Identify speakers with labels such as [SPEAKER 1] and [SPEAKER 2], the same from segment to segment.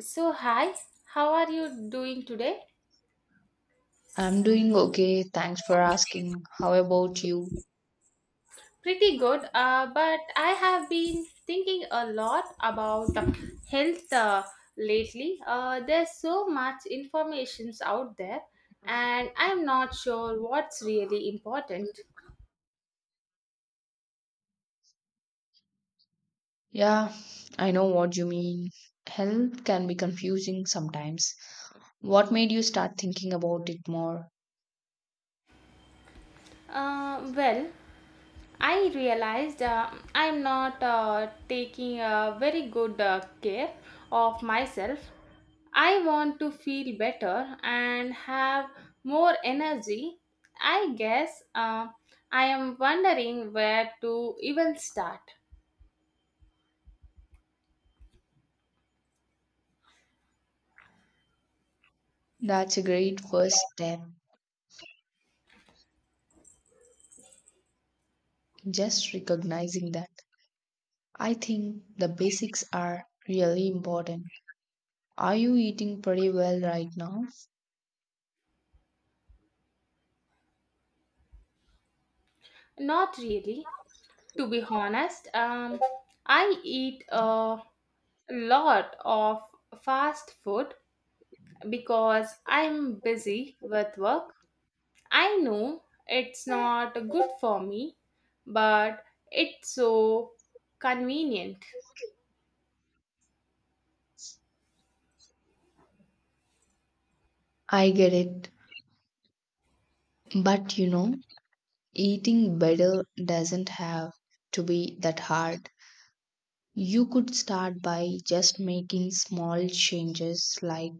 [SPEAKER 1] So, hi, how are you doing today?
[SPEAKER 2] I'm doing okay. Thanks for asking. How about you?
[SPEAKER 1] Pretty good, but I have been thinking a lot about health lately. There's so much information out there, and I'm not sure what's really important.
[SPEAKER 2] Yeah, I know what you mean. Health can be confusing sometimes. What made you start thinking about it more?
[SPEAKER 1] Uh, well, I realized I'm not taking a very good care of myself. I want to feel better and have more energy. I guess I am wondering where to even start.
[SPEAKER 2] That's a great first step. Just recognizing that. I think the basics are really important. Are you eating pretty well right now?
[SPEAKER 1] Not really, to be honest. I eat a lot of fast food because I'm busy with work. I know it's not good for me, but it's so convenient.
[SPEAKER 2] I get it. But eating better doesn't have to be that hard. You could start by just making small changes, like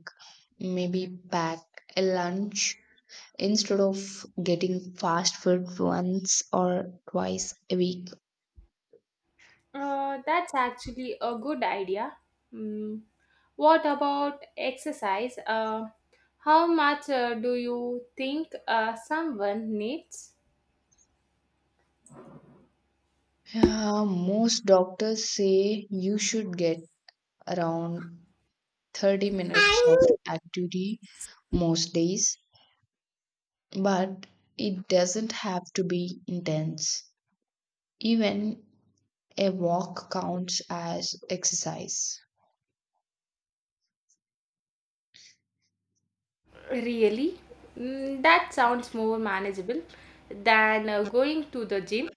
[SPEAKER 2] maybe pack a lunch instead of getting fast food once or twice a week.
[SPEAKER 1] That's actually a good idea. Mm. What about exercise? How much do you think someone needs?
[SPEAKER 2] Yeah, most doctors say you should get around 30 minutes of activity most days, but it doesn't have to be intense. Even a walk counts as exercise.
[SPEAKER 1] Really? Mm, that sounds more manageable than going to the gym.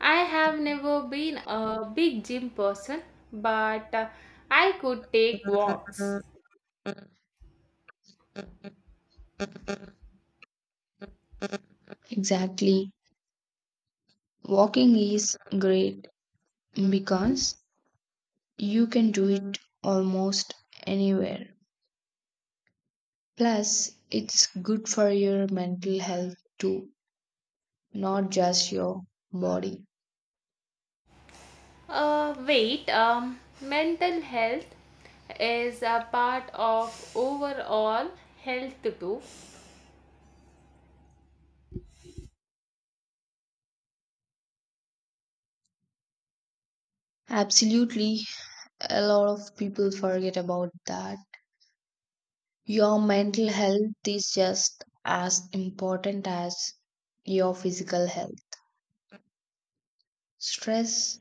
[SPEAKER 1] I have never been a big gym person, but I could take walks.
[SPEAKER 2] Exactly. Walking is great because you can do it almost anywhere. Plus, it's good for your mental health too, not just your body.
[SPEAKER 1] Mental health is a part of overall health too.
[SPEAKER 2] Absolutely, a lot of people forget about that. Your mental health is just as important as your physical health. Stress,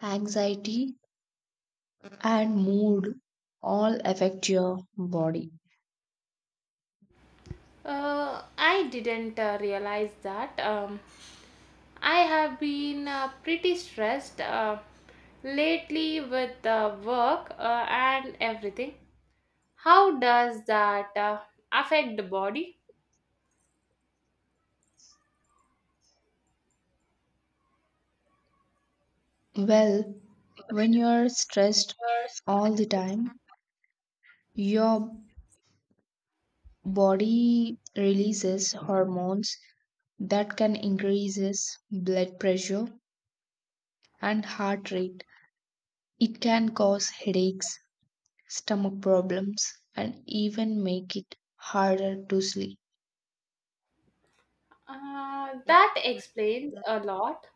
[SPEAKER 2] anxiety, and mood all affect your body.
[SPEAKER 1] I didn't realize that. I have been pretty stressed lately with work and everything. How does that affect the body?
[SPEAKER 2] Well, when you're stressed all the time, your body releases hormones that can increases blood pressure and heart rate. It can cause headaches, stomach problems, and even make it harder to sleep.
[SPEAKER 1] That explains a lot.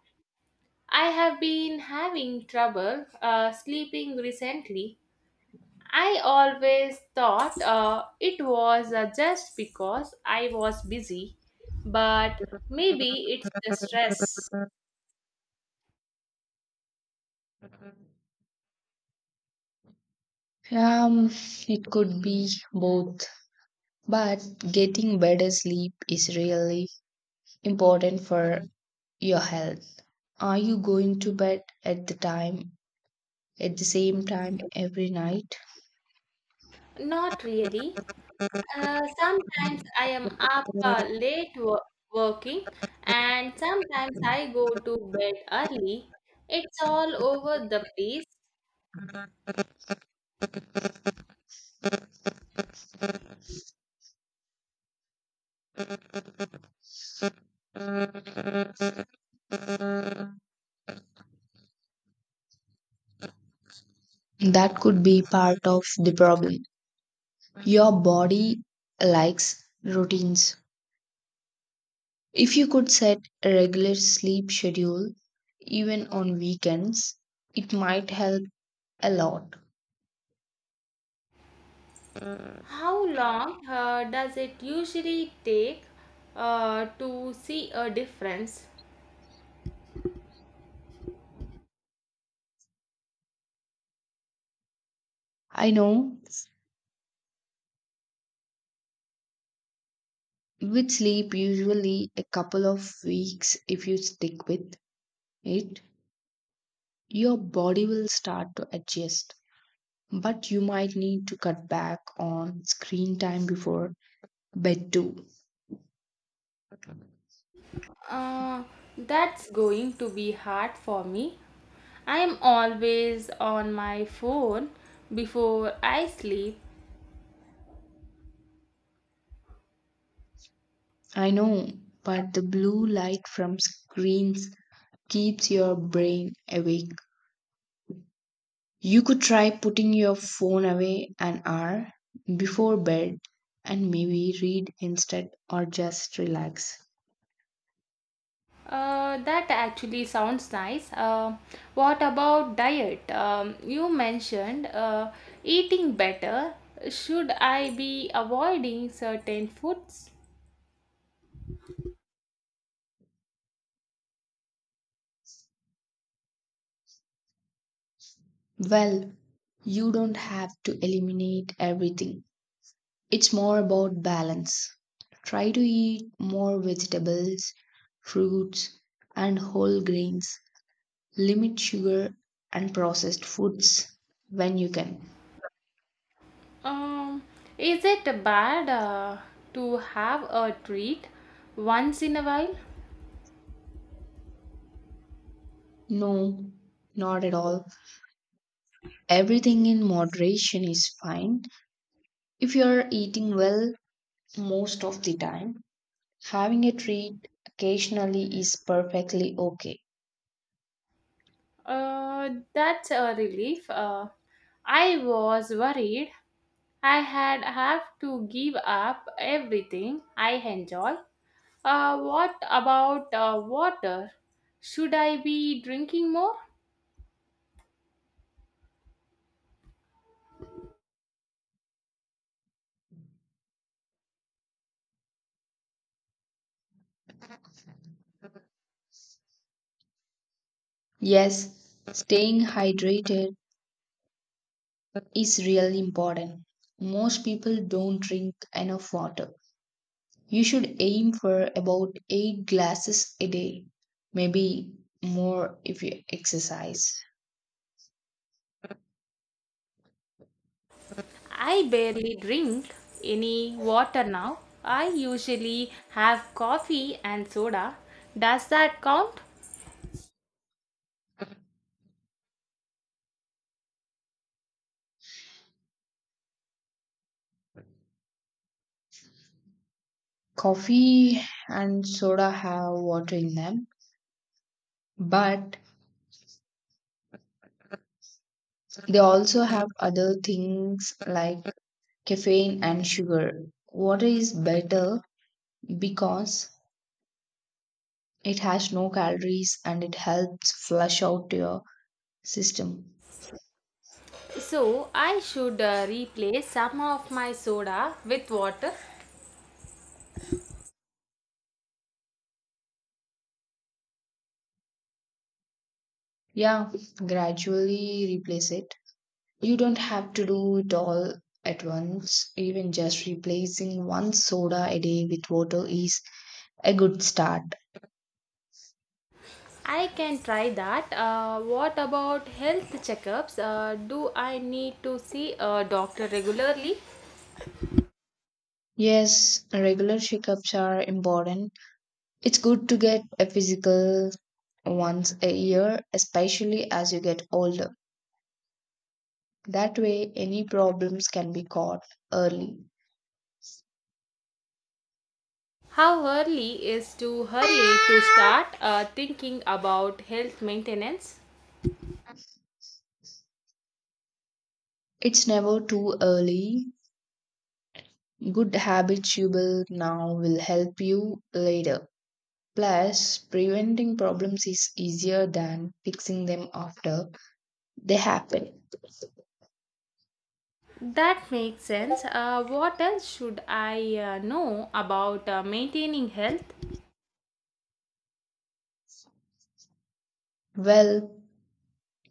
[SPEAKER 1] I have been having trouble sleeping recently. I always thought it was just because I was busy, but maybe it's the stress.
[SPEAKER 2] Um, it could be both, but getting better sleep is really important for your health. Are you going to bed at the same time every night?
[SPEAKER 1] Not really. Sometimes I am up late working, and sometimes I go to bed early. It's all over the place.
[SPEAKER 2] That could be part of the problem. Your body likes routines. If you could set a regular sleep schedule, even on weekends, it might help a lot.
[SPEAKER 1] How long does it usually take to see a difference?
[SPEAKER 2] I know, with sleep usually a couple of weeks. If you stick with it, your body will start to adjust, but you might need to cut back on screen time before bed too.
[SPEAKER 1] Uh, that's going to be hard for me. I am always on my phone before I sleep.
[SPEAKER 2] I know, but the blue light from screens keeps your brain awake. You could try putting your phone away an hour before bed and maybe read instead or just relax.
[SPEAKER 1] That actually sounds nice. What about diet? You mentioned eating better. Should I be avoiding certain foods?
[SPEAKER 2] Well, you don't have to eliminate everything. It's more about balance. Try to eat more vegetables, fruits, and whole grains. Limit sugar and processed foods when you can.
[SPEAKER 1] Um, is it bad to have a treat once in a while?
[SPEAKER 2] No, not at all. Everything in moderation is fine. If you're eating well most of the time, having a treat occasionally is perfectly okay.
[SPEAKER 1] That's a relief. I was worried I had have to give up everything I enjoy. What about water? Should I be drinking more?
[SPEAKER 2] Yes, staying hydrated is really important. Most people don't drink enough water. You should aim for about 8 glasses a day, maybe more if you exercise.
[SPEAKER 1] I barely drink any water now. I usually have coffee and soda. Does that count?
[SPEAKER 2] Coffee and soda have water in them. But they also have other things like caffeine and sugar. Water is better because it has no calories and it helps flush out your system.
[SPEAKER 1] So, I should replace some of my soda with water.
[SPEAKER 2] Yeah, gradually replace it. You don't have to do it all at once. Even just replacing one soda a day with water is a good start.
[SPEAKER 1] I can try that. What about health checkups? Do I need to see a doctor regularly?
[SPEAKER 2] Yes, regular shakeups are important. It's good to get a physical once a year, especially as you get older. That way, any problems can be caught early.
[SPEAKER 1] How early is too early to start thinking about health maintenance?
[SPEAKER 2] It's never too early. Good habits you build now will help you later. Plus, preventing problems is easier than fixing them after they happen.
[SPEAKER 1] That makes sense. What else should I know about maintaining health?
[SPEAKER 2] Well,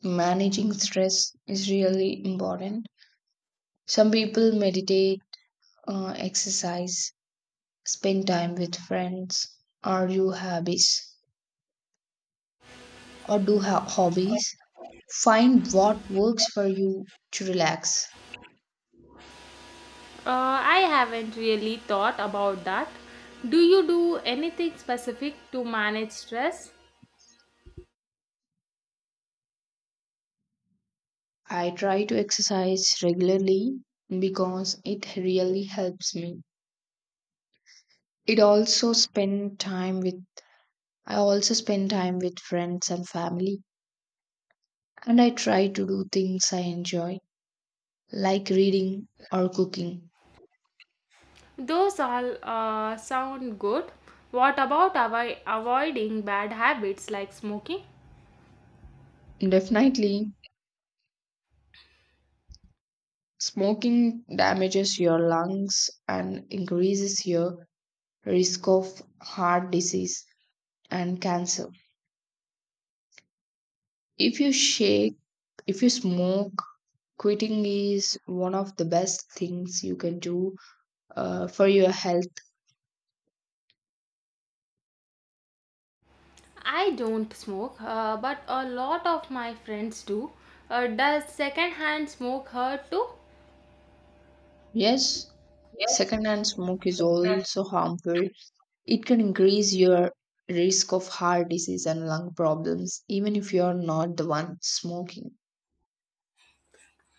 [SPEAKER 2] managing stress is really important. Some people meditate, exercise, spend time with friends or you hobbies or do hobbies. Find what works for you to relax.
[SPEAKER 1] I haven't really thought about that. Do you do anything specific to manage stress?
[SPEAKER 2] I try to exercise regularly because it really helps me. It also spend time with I also spend time with friends and family, and I try to do things I enjoy like reading or cooking.
[SPEAKER 1] Those all sound good. What about avoiding bad habits like smoking?
[SPEAKER 2] Definitely. Smoking damages your lungs and increases your risk of heart disease and cancer. If you shake, if you smoke, quitting is one of the best things you can do for your health.
[SPEAKER 1] I don't smoke, but a lot of my friends do. Does secondhand smoke hurt too?
[SPEAKER 2] Yes, secondhand smoke is also harmful. It can increase your risk of heart disease and lung problems, even if you are not the one smoking.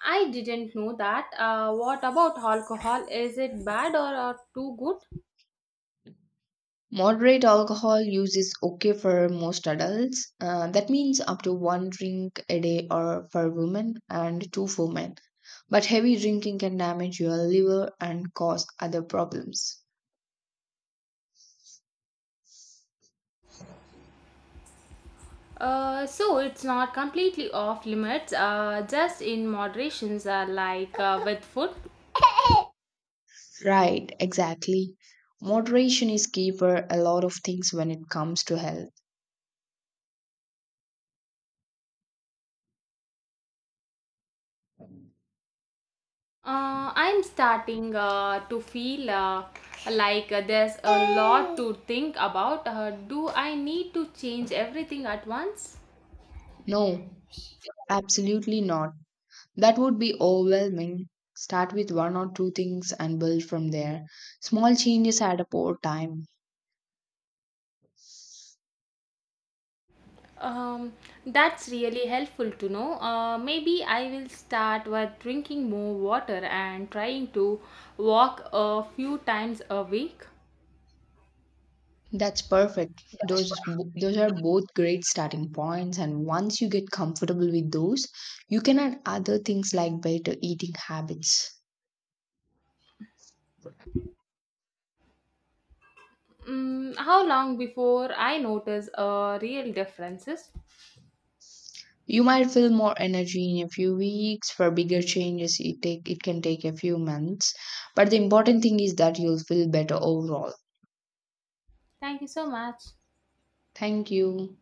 [SPEAKER 1] I didn't know that. What about alcohol? Is it bad or too good?
[SPEAKER 2] Moderate alcohol use is okay for most adults. That means up to one drink a day or for women and two for men. But heavy drinking can damage your liver and cause other problems.
[SPEAKER 1] So it's not completely off limits, just in moderations, like with food.
[SPEAKER 2] Right, exactly. Moderation is key for a lot of things when it comes to health.
[SPEAKER 1] I'm starting to feel like there's a lot to think about. Do I need to change everything at once?
[SPEAKER 2] No, absolutely not. That would be overwhelming. Start with one or two things and build from there. Small changes add up over time.
[SPEAKER 1] Um, that's really helpful to know. Maybe I will start with drinking more water and trying to walk a few times a week.
[SPEAKER 2] That's perfect. Those are both great starting points, and once you get comfortable with those, you can add other things like better eating habits.
[SPEAKER 1] Mm, how long before I notice real differences?
[SPEAKER 2] You might feel more energy in a few weeks. For bigger changes, it can take a few months. But the important thing is that you'll feel better overall.
[SPEAKER 1] Thank you so much.
[SPEAKER 2] Thank you.